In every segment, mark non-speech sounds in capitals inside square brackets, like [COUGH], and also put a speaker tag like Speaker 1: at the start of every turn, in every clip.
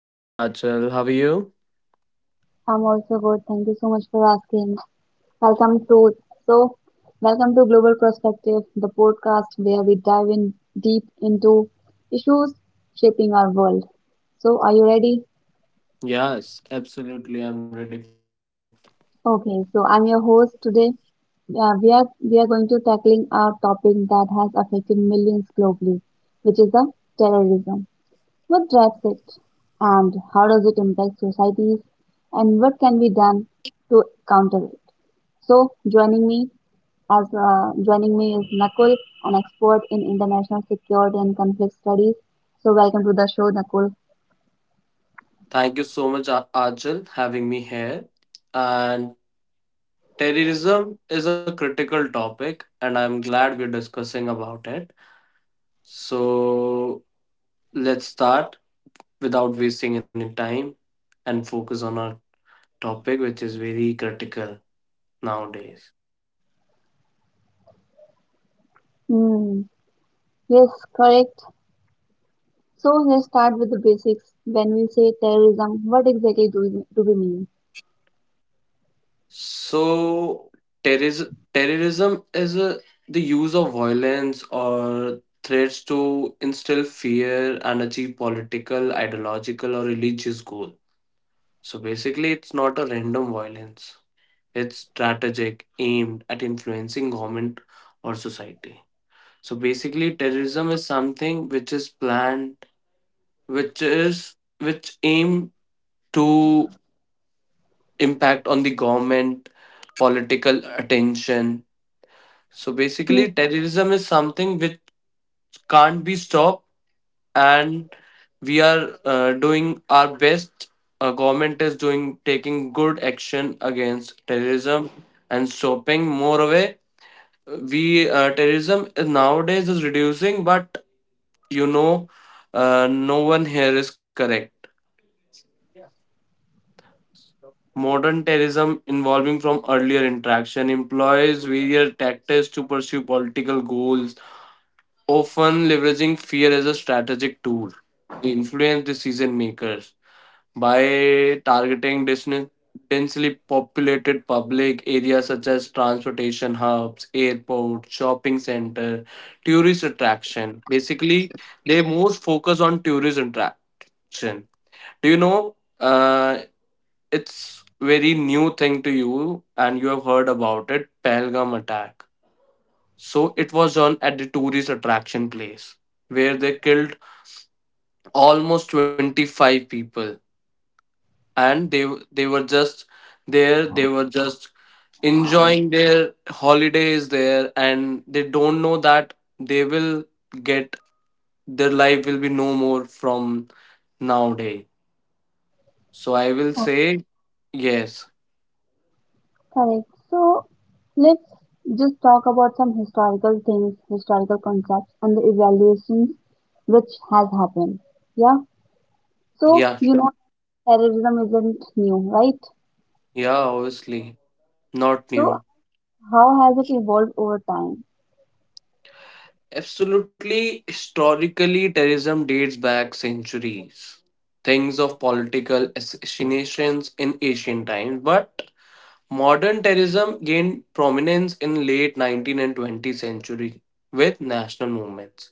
Speaker 1: I'm good, Achal. How are you?
Speaker 2: I'm also good. Thank you so much for asking. Welcome to so welcome to Global Perspective, the podcast where we dive in deep into issues shaping our world. So are you ready?
Speaker 1: Yes, absolutely. I'm ready.
Speaker 2: Okay, so I'm your host today. We are going to tackling a topic that has affected millions globally, which is the terrorism. What drives it, and how does it impact societies, and what can be done to counter it? So, joining me as joining me is Nakul, an expert in international security and conflict studies. So, welcome to the show, Nakul.
Speaker 1: Thank you so much, Achal, having me here. And terrorism is a critical topic, and I'm glad we're discussing about it. So let's start without wasting any time and focus on our topic, which is very critical nowadays.
Speaker 2: Hmm. Yes, correct. So, let's start with the basics. When we say terrorism, what exactly do we mean?
Speaker 1: So, terrorism the use of violence or threats to instill fear and achieve political, ideological, or religious goal. So basically, it's not a random violence. It's strategic, aimed at influencing government or society. So basically, terrorism is something which is planned, which aim to impact on the government, political attention. So
Speaker 2: Hmm.
Speaker 1: basically, terrorism is something which can't be stopped, and we are doing our best. Our government is doing taking good action against terrorism and stopping more away. We Terrorism is nowadays is reducing, but you know, no one here is correct. Modern terrorism involving from earlier interaction employs various tactics to pursue political goals, often leveraging fear as a strategic tool to influence decision makers by targeting densely populated public areas such as transportation hubs, airports, shopping center, tourist attraction. Basically, they most focus on tourist attraction. Do you know? It's very new thing to you, and you have heard about it. Pahalgam attack. So it was on at the tourist attraction place where they killed almost 25 people, and they were just there they were just enjoying their holidays there, and they don't know that they will get, their life will be no more from nowadays. So I will say yes.
Speaker 2: Correct. So let's just talk about some historical things, historical concepts, and the evaluations which has happened. Yeah. So
Speaker 1: Yeah,
Speaker 2: you
Speaker 1: sure.
Speaker 2: know terrorism isn't new, right?
Speaker 1: Yeah, obviously not
Speaker 2: So
Speaker 1: new.
Speaker 2: how has it evolved over time?
Speaker 1: Absolutely, historically terrorism dates back centuries, things of political assassinations in ancient times, but modern terrorism gained prominence in late 19th and 20th century with national movements.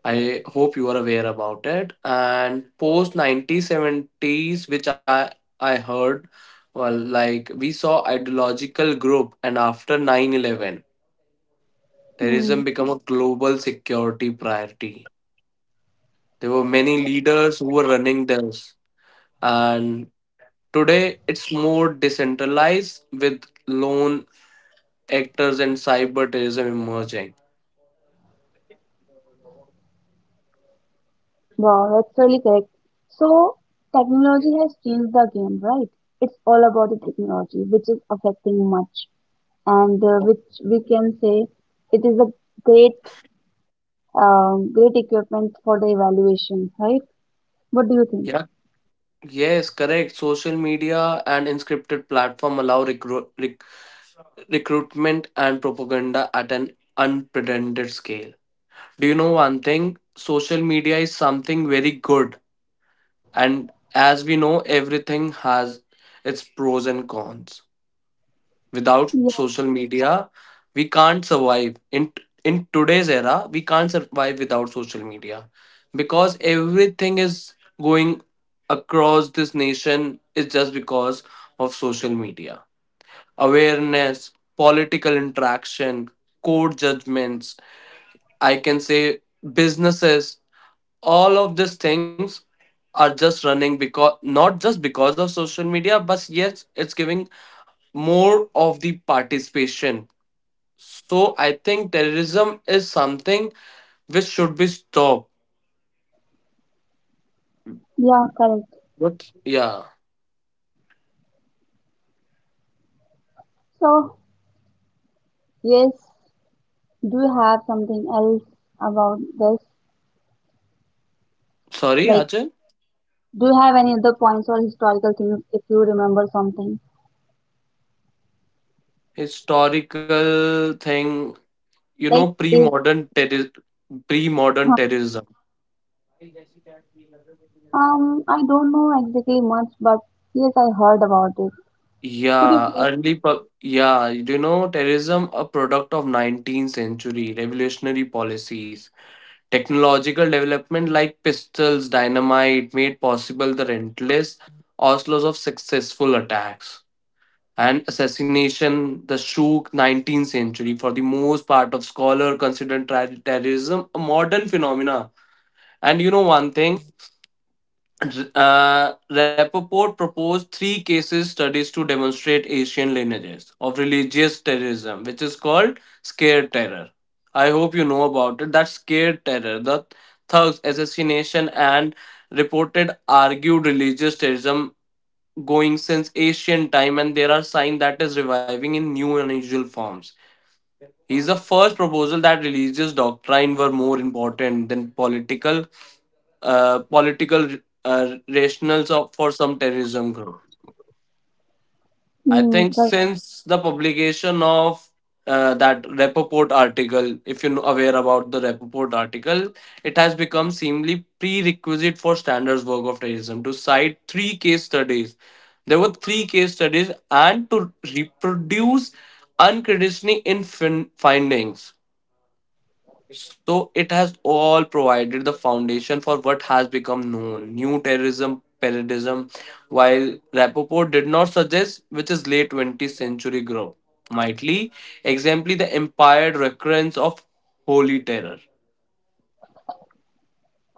Speaker 1: I hope you are aware about it. And post 1970s, which I heard, well, like we saw ideological group, and after 9/11,
Speaker 2: Hmm.
Speaker 1: terrorism became a global security priority. There were many leaders who were running this, and today it's more decentralized with lone actors and cyber terrorism emerging.
Speaker 2: Wow, that's really correct. So technology has changed the game, right? It's all about the technology, which is affecting much, and which we can say it is a great great equipment for the evaluation, right? What do you think?
Speaker 1: Yeah, yes, correct. Social media and inscripted platform allow rec- recruitment and propaganda at an unprecedented scale. Do you know one thing? Social media is something very good, and as we know, everything has its pros and cons. Without
Speaker 2: Yeah,
Speaker 1: social media, we can't survive. In today's era, we can't survive without social media because everything is going across this nation is just because of social media. Awareness, political interaction, court judgments, I can say businesses, all of these things are just running because, not just because of social media, but yes, it's giving more of the participation. So I think terrorism is something which should be stopped.
Speaker 2: yeah, correct.
Speaker 1: Yeah.
Speaker 2: So, yes, do you have something else about this?
Speaker 1: Sorry,
Speaker 2: Like,
Speaker 1: Ajay.
Speaker 2: do you have any other points or historical things if you remember something?
Speaker 1: Historical thing, you
Speaker 2: Like,
Speaker 1: know,
Speaker 2: if,
Speaker 1: pre-modern terror, pre-modern
Speaker 2: huh,
Speaker 1: terrorism.
Speaker 2: I don't know exactly much, but yes, I heard about it. Could you please,
Speaker 1: Do you know terrorism a product of 19th century revolutionary policies. Technological development like pistols, dynamite made possible the relentless onslaughts of successful attacks and assassination the shook 19th century. For the most part of scholar considered terrorism a modern phenomena. And you know one thing, Rappaport proposed three cases studies to demonstrate Asian lineages of religious terrorism, which is called scare terror. I hope you know about it. That scare terror, the thugs, assassination, and reported argued religious terrorism going since ancient time, and there are signs that is reviving in new unusual forms. He is the first proposal that religious doctrine were more important than political, uh, political rationales for some terrorism group. I
Speaker 2: hmm,
Speaker 1: think
Speaker 2: correct.
Speaker 1: since the publication of that Rappaport article, if you're aware about the Rappaport article, it has become seemingly prerequisite for standards work of terrorism to cite three case studies. There were three case studies, and to reproduce unconditionally in findings. So it has all provided the foundation for what has become known new terrorism paradigm, while Rapoport did not suggest, which is late 20th century grow. Mightly, exemplify the implied recurrence of holy terror.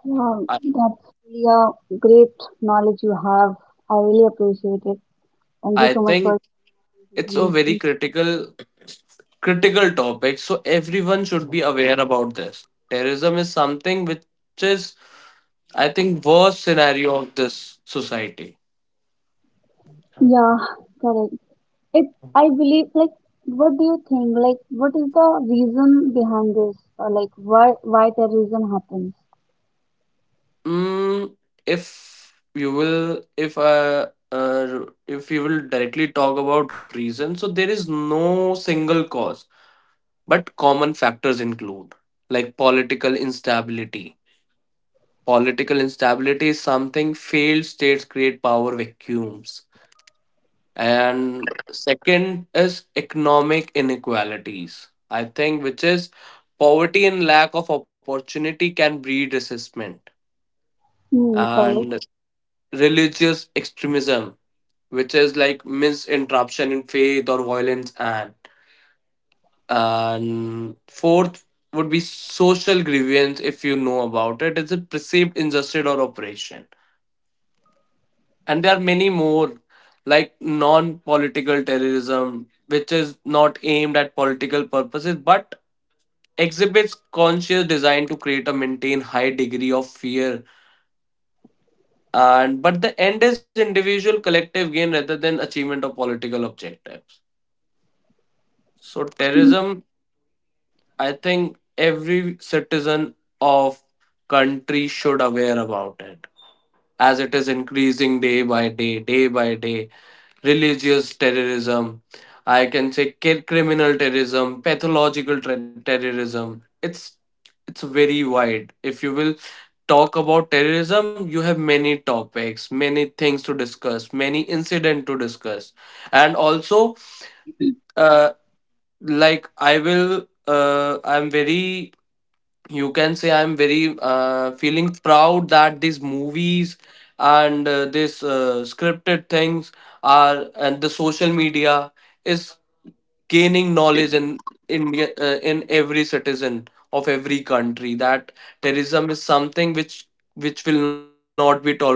Speaker 2: Yeah,
Speaker 1: I,
Speaker 2: that's really a great knowledge you have. I really appreciate it. Thank you
Speaker 1: I
Speaker 2: so much for
Speaker 1: think
Speaker 2: this
Speaker 1: it's a very
Speaker 2: information.
Speaker 1: critical topic, so everyone should be aware about this. Terrorism is something which is, I think, worst scenario of this society.
Speaker 2: Yeah, correct. It, I believe, like, what do you think? Like, what is the reason behind this? Or like, why terrorism happens?
Speaker 1: Mm, if you will, if I, if you will directly talk about reasons, so there is no single cause, but common factors include like political instability. Political instability is something, failed states create power vacuums. And second is economic inequalities, I think, which is poverty and lack of opportunity can breed resentment.
Speaker 2: Hmm, correct.
Speaker 1: And religious extremism, which is like misinterruption in faith or violence, and fourth would be social grievance. If you know about it, it's a perceived injustice or oppression, and there are many more like non-political terrorism, which is not aimed at political purposes but exhibits conscious design to create or maintain high degree of fear, and but the end is individual collective gain rather than achievement of political objectives. So
Speaker 2: Hmm,
Speaker 1: terrorism, I think every citizen of country should aware about it, as it is increasing day by day, day by day. Religious terrorism, I can say criminal terrorism, pathological terrorism. It's very wide. If you will talk about terrorism, you have many topics, many things to discuss, many incident to discuss, and also uh, like I will I'm very you can say I'm very feeling proud that these movies and this scripted things are, and the social media is gaining knowledge in India, in every citizen of every country, that terrorism is something which will not be tolerated.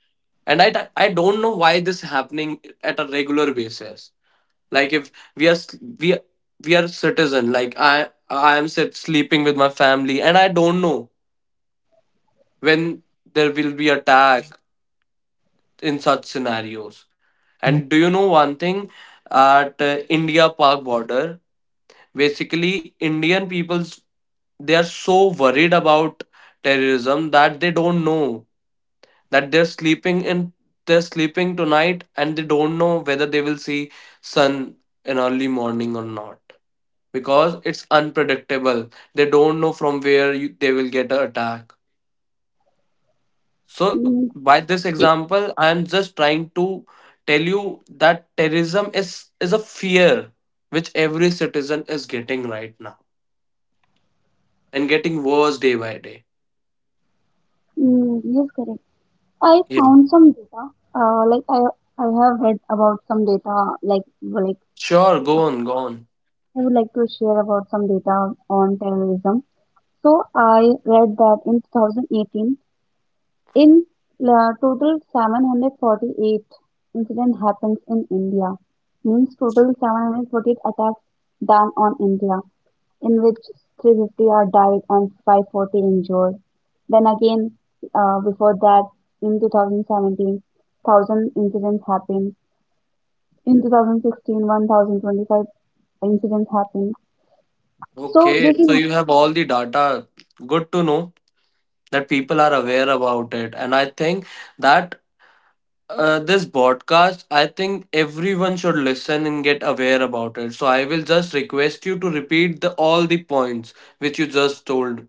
Speaker 1: And I don't know why this happening at a regular basis. Like if we are s- we are- we are citizen, like I am sleeping with my family, and I don't know when there will be attack in such scenarios. And do you know one thing? At India Pak border, basically Indian people's, they are so worried about terrorism that they don't know that they're sleeping tonight and they don't know whether they will see sun in early morning or not, because it's unpredictable. They don't know from where they will get an attack. So,
Speaker 2: hmm,
Speaker 1: by this example, I am just trying to tell you that terrorism is a fear which every citizen is getting right now, and getting worse day by day.
Speaker 2: hmm, yes, correct. I
Speaker 1: Yeah.
Speaker 2: found some data. Like I have read about some data. Like
Speaker 1: Sure, go
Speaker 2: uh,
Speaker 1: on, go on.
Speaker 2: I would like to share about some data on terrorism. So I read that in 2018. In total, 748 incident happens in India, means total 748 attacks done on India, in which 350 are died and 540 injured. Then again, before that, in 2017, incidents happened. In 2016, 1,025 incidents happened. So
Speaker 1: Okay,
Speaker 2: this is
Speaker 1: so you have
Speaker 2: how. uh,
Speaker 1: all the data. Good to know that people are aware about it. And I think that, this broadcast, I think everyone should listen and get aware about it. So I will just request you to repeat the all the points which you just told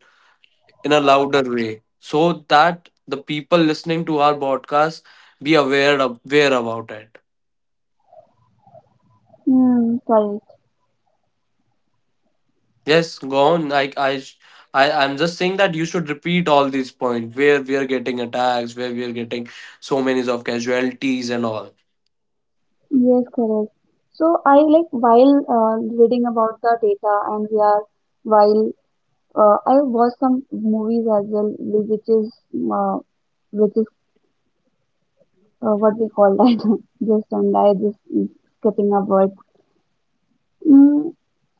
Speaker 1: in a louder way, so that the people listening to our broadcast be aware of, aware about it.
Speaker 2: Hmm, Sorry.
Speaker 1: Yes, go on. I sh- I I'm just saying that you should repeat all these points where we are getting attacks, where we are getting so many of casualties and all.
Speaker 2: Yes, correct. So I like while reading about the data and we are while I watched some movies as well, which is uh, which is what we call that [LAUGHS] just and I just skipping a word. Mm,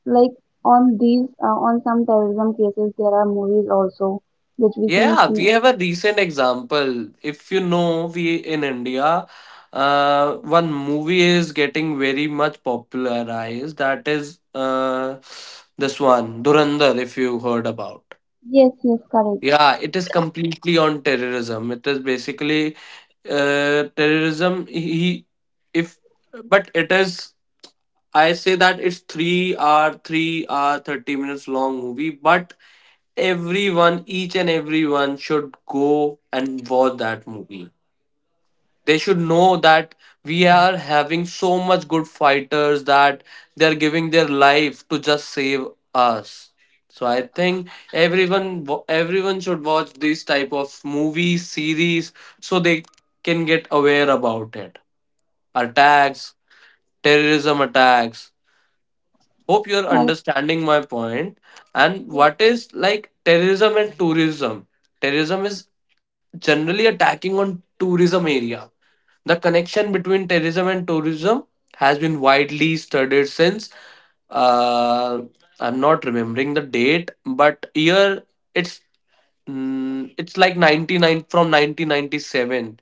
Speaker 2: like on these on some terrorism cases, there are movies also which we can
Speaker 1: Yeah, we
Speaker 2: see.
Speaker 1: have a recent example. If you know, we in India, one movie is getting very much popularized. That is this one, Durandar, if you heard about.
Speaker 2: Yes, yes, correct,
Speaker 1: Yeah, it is completely on terrorism. It is basically terrorism. He, if but it is I say that it's 3 hour, 30 minutes long movie, but everyone, each and everyone should go and watch that movie. They should know that we are having so much good fighters that they're giving their life to just save us. So I think everyone everyone should watch these type of movies, series, so they can get aware about it. Attacks, terrorism attacks, hope you're
Speaker 2: correct.
Speaker 1: understanding my point. And
Speaker 2: Yes.
Speaker 1: what is like terrorism and tourism? Terrorism is generally attacking on tourism area. The connection between terrorism and tourism has been widely studied since, uh, I'm not remembering the date, but year it's, like 99 from 1997,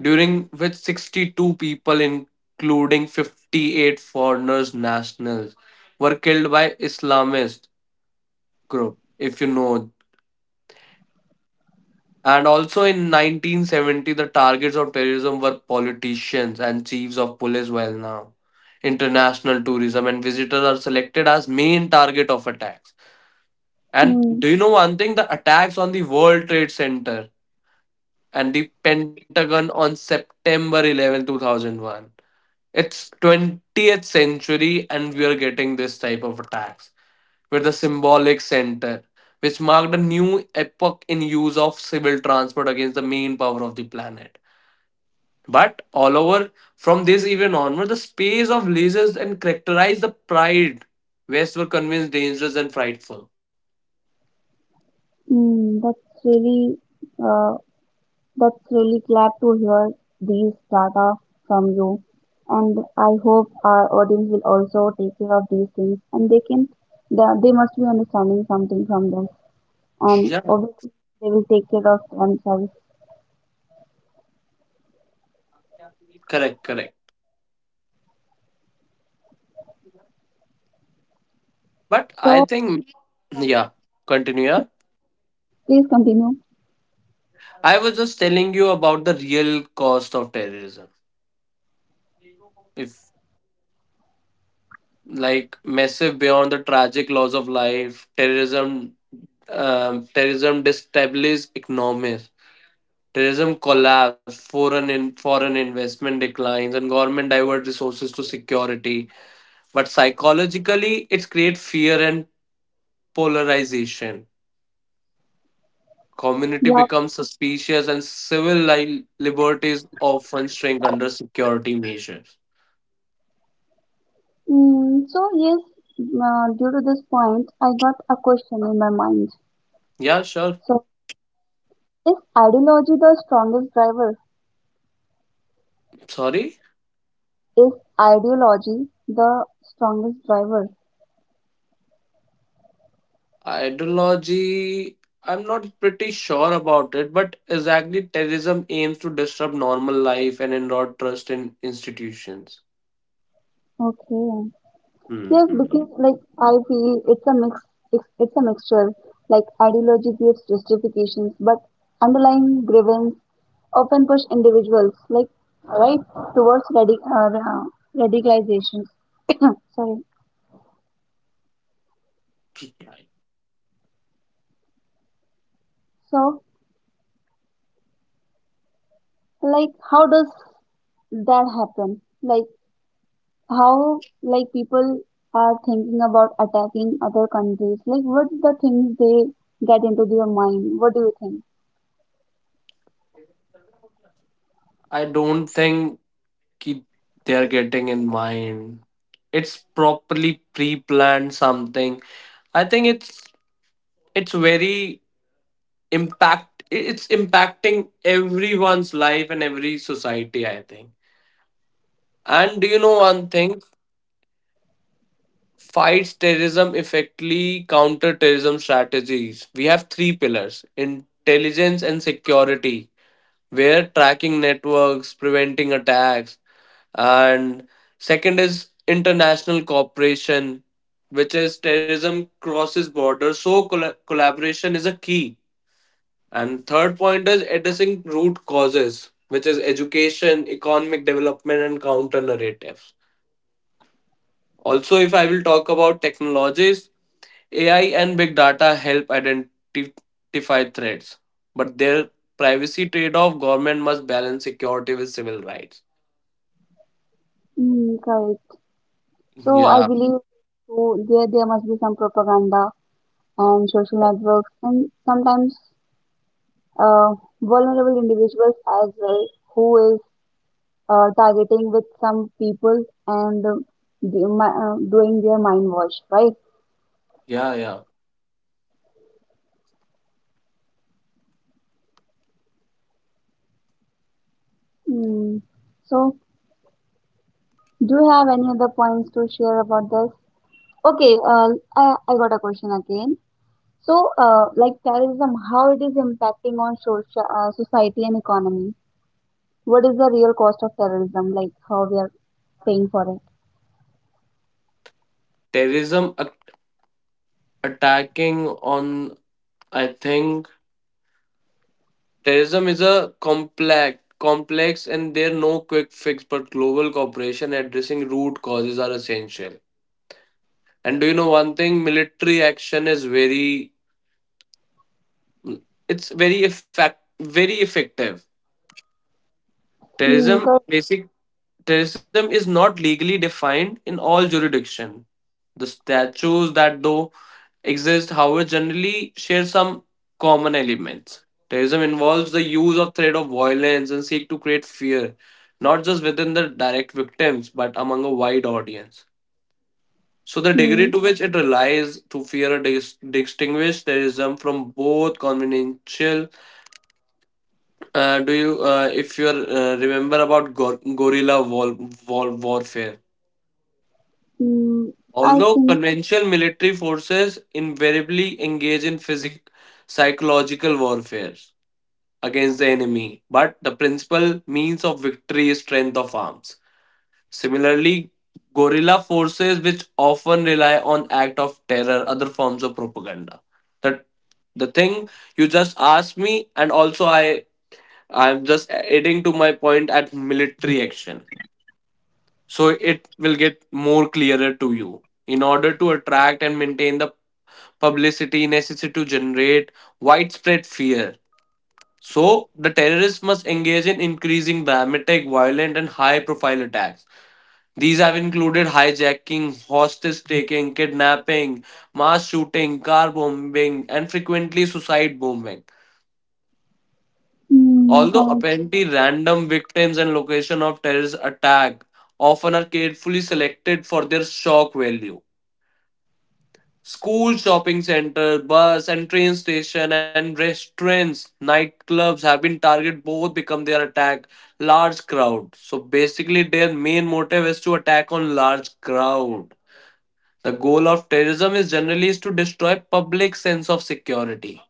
Speaker 1: during which 62 people including 58 foreigners nationals were killed by Islamist group, if you know. And also in 1970 the targets of terrorism were politicians and chiefs of police, well now international tourism and visitors are selected as main target of attacks. And
Speaker 2: Mm,
Speaker 1: do you know one thing? The attacks on the World Trade Center and the Pentagon on September 11, 2001. It's 20th century and we are getting this type of attacks with the symbolic center, which marked a new epoch in use of civil transport against the main power of the planet. But all over, from this event onward, the space of lasers and characterized the pride. West were convinced dangerous and frightful.
Speaker 2: mm, that's really uh, that's really glad to hear these data from you. And I hope our audience will also take care of these things and they can they must be understanding something from this and
Speaker 1: Yeah,
Speaker 2: obviously they will take care of themselves.
Speaker 1: correct, correct. But I
Speaker 2: So
Speaker 1: think, yeah, continue. Yeah,
Speaker 2: please continue.
Speaker 1: I was just telling you about the real cost of terrorism. If, like, massive beyond the tragic loss of life. Terrorism, terrorism destabilizes economies. Terrorism collapse, foreign investment declines, and government divert resources to security. But psychologically, it creates fear and polarization. Community
Speaker 2: Yeah.
Speaker 1: becomes suspicious, and liberties often shrink under security measures.
Speaker 2: Mm, so yes, due to this point, I got a question in my mind.
Speaker 1: Yeah, sure.
Speaker 2: So is ideology the strongest driver?
Speaker 1: Sorry.
Speaker 2: Is ideology the strongest driver?
Speaker 1: Ideology, I'm not pretty sure about it, but exactly terrorism aims to disrupt normal life and erode trust in institutions.
Speaker 2: Okay. Yes,
Speaker 1: Hmm.
Speaker 2: because like I feel it's a mix, it's a mixture. Like ideology gives justifications, but underlying grievance often push individuals, like right, towards radicalization. [COUGHS] Sorry. So, like, how does that happen? Like, how like people are thinking about attacking other countries? Like, what the things they get into their mind? What do you think?
Speaker 1: I don't think ki- they're getting in mind. It's properly pre-planned something. I think it's very impact it's impacting everyone's life and every society, I think. And do you know one thing? Fights terrorism effectively, counter terrorism strategies, we have three pillars. Intelligence and security, where tracking networks preventing attacks. And second is international cooperation, which is terrorism crosses borders, so collaboration is a key. And third point is addressing root causes, which is education, economic development, and counter narratives. Also, if I will talk about technologies, AI and big data help identify threats, but their privacy trade-off government must balance security with civil rights.
Speaker 2: Mm, correct. So I
Speaker 1: Yeah,
Speaker 2: believe so there must be some propaganda and social networks and sometimes uh, vulnerable individuals as well who is targeting with some people and doing their mind wash, right?
Speaker 1: yeah, yeah.
Speaker 2: Mm. So do you have any other points to share about this? Okay, I got a question again. So, like terrorism, how it is impacting on social, society and economy? What is the real cost of terrorism? Like how we are paying for it?
Speaker 1: Terrorism a- Attacking on, I think terrorism is a complex and there are no quick fix, but global cooperation addressing root causes are essential. And do you know one thing? Military action is very, it's very effect very effective.
Speaker 2: Mm,
Speaker 1: Terrorism
Speaker 2: correct.
Speaker 1: basic, terrorism is not legally defined in all jurisdiction. The statutes that though exist, however, generally share some common elements. Terrorism involves the use of threat of violence and seek to create fear, not just within the direct victims, but among a wide audience. So the degree
Speaker 2: Mm,
Speaker 1: to which it relies to fear or distinguish terrorism from both conventional, do you, if you are, remember about guerrilla warfare?
Speaker 2: mm, I
Speaker 1: Although
Speaker 2: think
Speaker 1: conventional military forces invariably engage in psychological warfare against the enemy, but the principal means of victory is strength of arms. Similarly, guerrilla forces, which often rely on act of terror, other forms of propaganda. The the thing you just asked me, and also I'm just adding to my point at military action. So it will get more clearer to you. In order to attract and maintain the publicity necessary to generate widespread fear. So the terrorists must engage in increasing dramatic, violent, and high profile attacks. These have included hijacking, hostage taking, kidnapping, mass shooting, car bombing, and frequently suicide bombing.
Speaker 2: mm,
Speaker 1: Although
Speaker 2: correct.
Speaker 1: apparently random, victims and location of terrorist attack often are carefully selected for their shock value. School, shopping center, bus and train station and restaurants, nightclubs have been target both become their attack large crowd. So basically their main motive is to attack on large crowd. The goal of terrorism is generally is to destroy public sense of security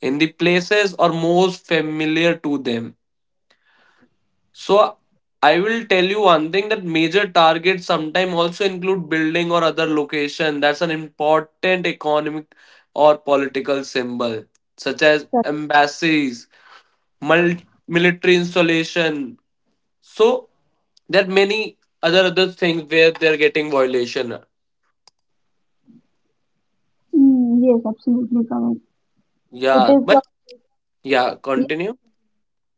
Speaker 1: in the places or most familiar to them. So I will tell you one thing that major targets sometimes also include building or other location that's an important economic or political symbol, such as
Speaker 2: Correct.
Speaker 1: embassies, mul- military installation. So there are many other things where they're getting violation.
Speaker 2: Mm, yes, absolutely correct. It
Speaker 1: Yeah,
Speaker 2: is a
Speaker 1: but yeah,
Speaker 2: yes,
Speaker 1: continue.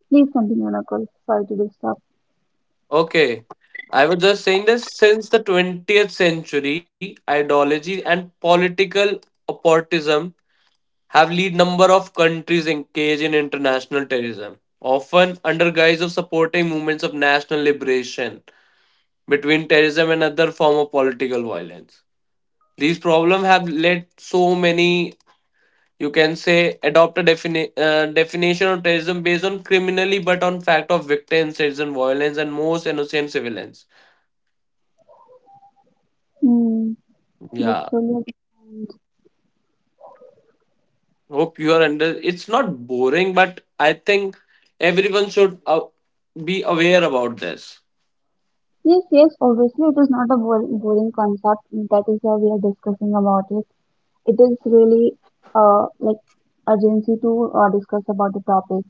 Speaker 2: please continue, Nakul. Sorry to disturb.
Speaker 1: Okay. I was just saying this since the 20th century, ideology and political opportunism have lead number of countries engaged in international terrorism, often under guise of supporting movements of national liberation between terrorism and other form of political violence. These problems have led so many, you can say, adopt a definition of terrorism based on criminally but on fact of victims, terrorism violence, and most innocent civilians.
Speaker 2: Mm,
Speaker 1: Yeah,
Speaker 2: that's really important.
Speaker 1: hope you are under. It's not boring, but I think everyone should be aware about this.
Speaker 2: Yes, yes. Obviously, it is not a boring concept. That is why we are discussing about it. It is really like urgency to discuss about the topic,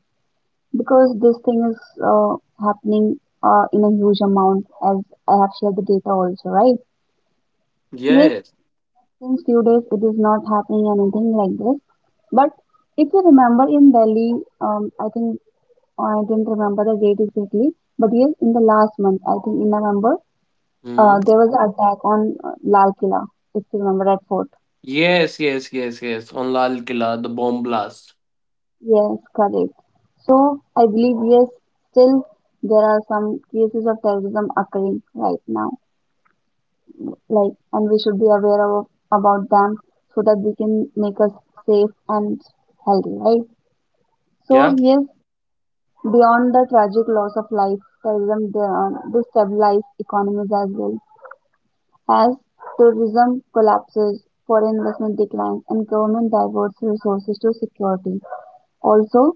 Speaker 2: because this thing is uh, happening in a huge amount as I have shared the data also, right? Yes,
Speaker 1: Yes.
Speaker 2: since few days it is not happening anything like this. But if you remember in Delhi, I think I didn't remember the date exactly, but yes, in the last month, I think in November,
Speaker 1: Hmm.
Speaker 2: there was an attack on Lal Killa, if you remember that fort.
Speaker 1: Yes, yes, yes, yes. On Lal Killa, the bomb blast.
Speaker 2: Yes, correct. So I believe yes, still there are some cases of terrorism occurring right now, like, and we should be aware of about them so that we can make us safe and healthy, right? So
Speaker 1: Yeah.
Speaker 2: yes, beyond the tragic loss of life, terrorism destabilizes economies as well as tourism collapses, foreign investment declines, and government diverts resources to security. Also,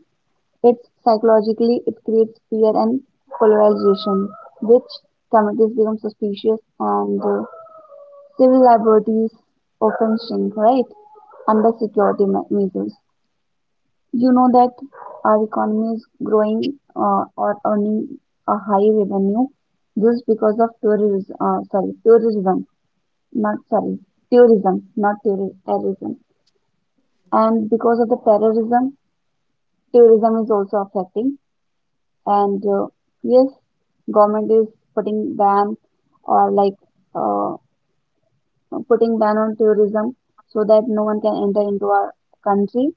Speaker 2: it's psychologically it creates fear and polarization, which communities become suspicious and civil liberties often shrink, right? Under measures. You know that our economy is growing or earning a high revenue just because of tourism. Sorry, tourism, not touri- Terrorism. And because of the terrorism, tourism is also affecting. And yes, government is putting ban or like uh, putting ban on tourism so that no one can enter into our country.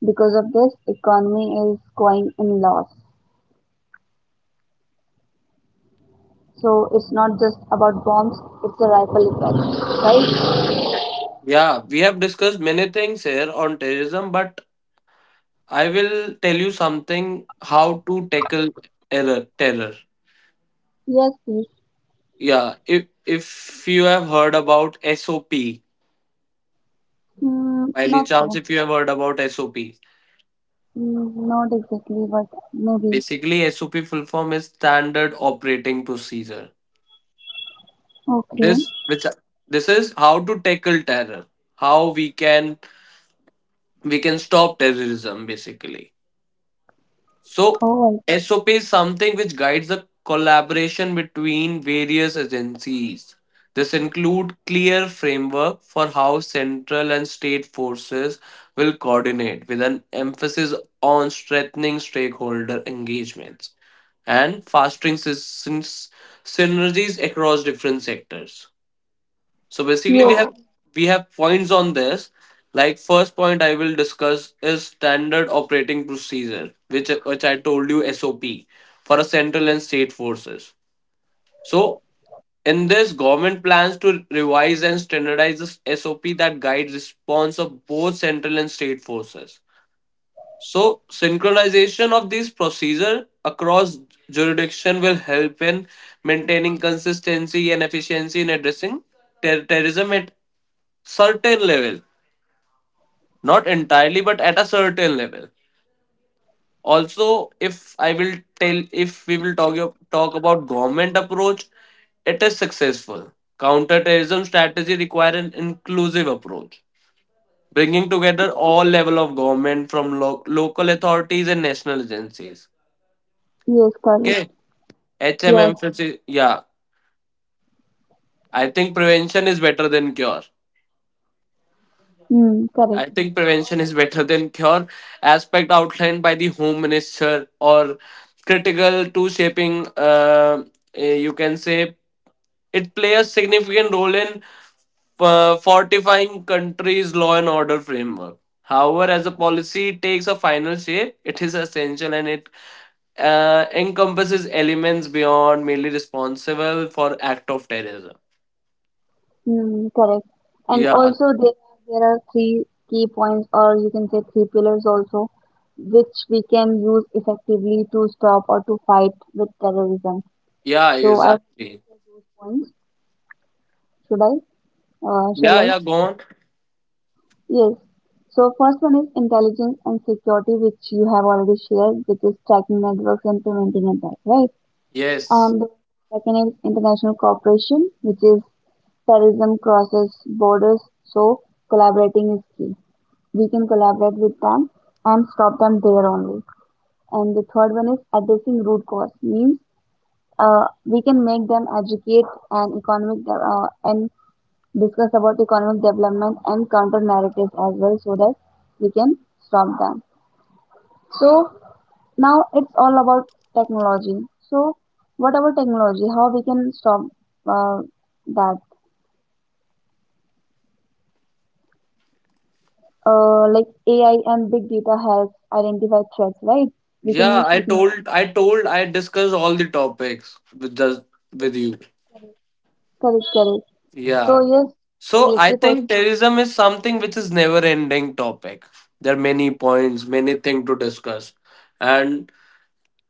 Speaker 2: Because of this, economy is going in loss. So it's not just about bombs; it's a ripple effect, right?
Speaker 1: Yeah, we have discussed many things here on terrorism, but I will tell you something how to tackle error terror.
Speaker 2: Yes, please.
Speaker 1: Yeah. If you have heard about SOP, by
Speaker 2: Mm,
Speaker 1: any
Speaker 2: not
Speaker 1: chance
Speaker 2: so.
Speaker 1: if you have heard about SOP.
Speaker 2: Mm, not exactly, but maybe.
Speaker 1: Basically SOP full form is standard operating procedure.
Speaker 2: Okay.
Speaker 1: This which this is how to tackle terror. How we can stop terrorism basically. So,
Speaker 2: Oh,
Speaker 1: SOP is something which guides the collaboration between various agencies. This include clear framework for how central and state forces will coordinate with an emphasis on strengthening stakeholder engagements and fostering synergies across different sectors. So basically,
Speaker 2: yes.
Speaker 1: we have points on this. Like first point I will discuss is standard operating procedure, which I told you SOP for a central and state forces. So in this, government plans to revise and standardize the SOP that guides response of both central and state forces. So synchronization of these procedure across jurisdiction will help in maintaining consistency and efficiency in addressing terrorism at certain level, not entirely but at a certain level. Also, if I will tell, if we will talk about government approach, it is successful. Counterterrorism strategy require an inclusive approach, bringing together all level of government, from local authorities and national agencies.
Speaker 2: Yes. Correct.
Speaker 1: Okay. Hm,
Speaker 2: Yes.
Speaker 1: emphasis, yeah. I think prevention is better than cure.
Speaker 2: Mm, correct.
Speaker 1: I think prevention is better than cure aspect outlined by the home minister or critical to shaping, you can say it plays a significant role in fortifying country's law and order framework, however as a policy takes a final shape it is essential and it encompasses elements beyond merely responsible for act of terrorism.
Speaker 2: Hmm, correct. And
Speaker 1: Yeah,
Speaker 2: also there are three key points or you can say three pillars also which we can use effectively to stop or to fight with terrorism.
Speaker 1: yeah,
Speaker 2: So I
Speaker 1: exactly.
Speaker 2: share those points. Should I? Shall
Speaker 1: Yeah,
Speaker 2: I?
Speaker 1: yeah, go on.
Speaker 2: Yes. So first one is intelligence and security, which you have already shared, which is tracking networks and preventing attack, right?
Speaker 1: Yes.
Speaker 2: And the second is international cooperation, which is terrorism crosses borders, so collaborating is key. We can collaborate with them and stop them there only. And the third one is addressing root cause, means we can make them educate and and discuss about economic development and counter narratives as well, so that we can stop them. So now it's all about technology, so whatever technology how we can stop uh, that, like AI and big data helps identify threats, right? We can
Speaker 1: Yeah,
Speaker 2: use technology.
Speaker 1: I discussed all the topics with just with you.
Speaker 2: Correct, correct. So
Speaker 1: Yeah.
Speaker 2: yes,
Speaker 1: So I
Speaker 2: military force.
Speaker 1: think terrorism is something which is never ending topic. There are many points, many things to discuss. And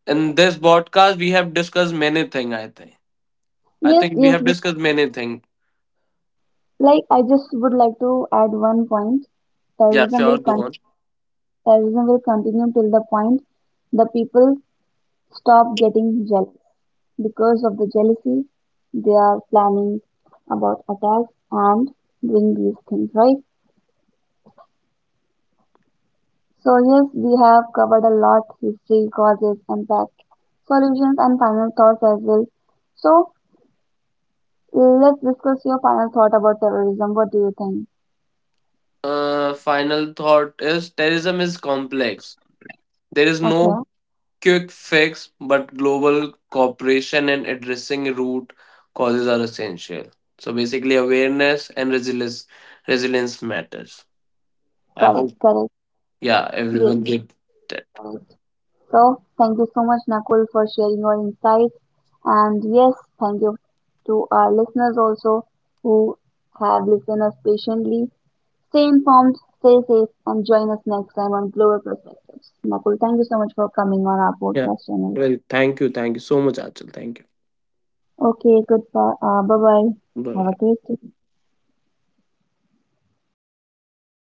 Speaker 1: in this podcast we have discussed many things, I think. I
Speaker 2: Yes,
Speaker 1: think we
Speaker 2: yes,
Speaker 1: have
Speaker 2: we can
Speaker 1: discussed
Speaker 2: work.
Speaker 1: many things.
Speaker 2: Like I just would like to add one point,
Speaker 1: Yeah,
Speaker 2: terrorism
Speaker 1: sure,
Speaker 2: will
Speaker 1: go
Speaker 2: con-
Speaker 1: on.
Speaker 2: terrorism will continue till the point the people stop getting jealous. Because of the jealousy, they are planning about attacks and doing these things, right? So, yes, we have covered a lot history, causes, impact, solutions, and final thoughts as well. So, let's discuss your final thought about terrorism. What do you think?
Speaker 1: Final thought is terrorism is complex. There is
Speaker 2: Okay,
Speaker 1: no quick fix, but global cooperation and addressing root causes are essential. So basically, awareness and resilience matters. I
Speaker 2: correct,
Speaker 1: hope,
Speaker 2: correct.
Speaker 1: yeah,
Speaker 2: Yes,
Speaker 1: everyone get that.
Speaker 2: correct. So, thank you so much, Nakul, for sharing your insights. And yes, thank you to our listeners also who have listened us patiently. Stay informed, stay safe, and join us next time on Global Perspectives. Nakul, thank you so much for coming on our
Speaker 1: Yeah.
Speaker 2: podcast channel.
Speaker 1: Well, thank you. Thank you so much, Achal. Thank you.
Speaker 2: Okay, goodbye. Bye bye.
Speaker 1: Bye
Speaker 2: Have a
Speaker 1: bye.
Speaker 2: great day.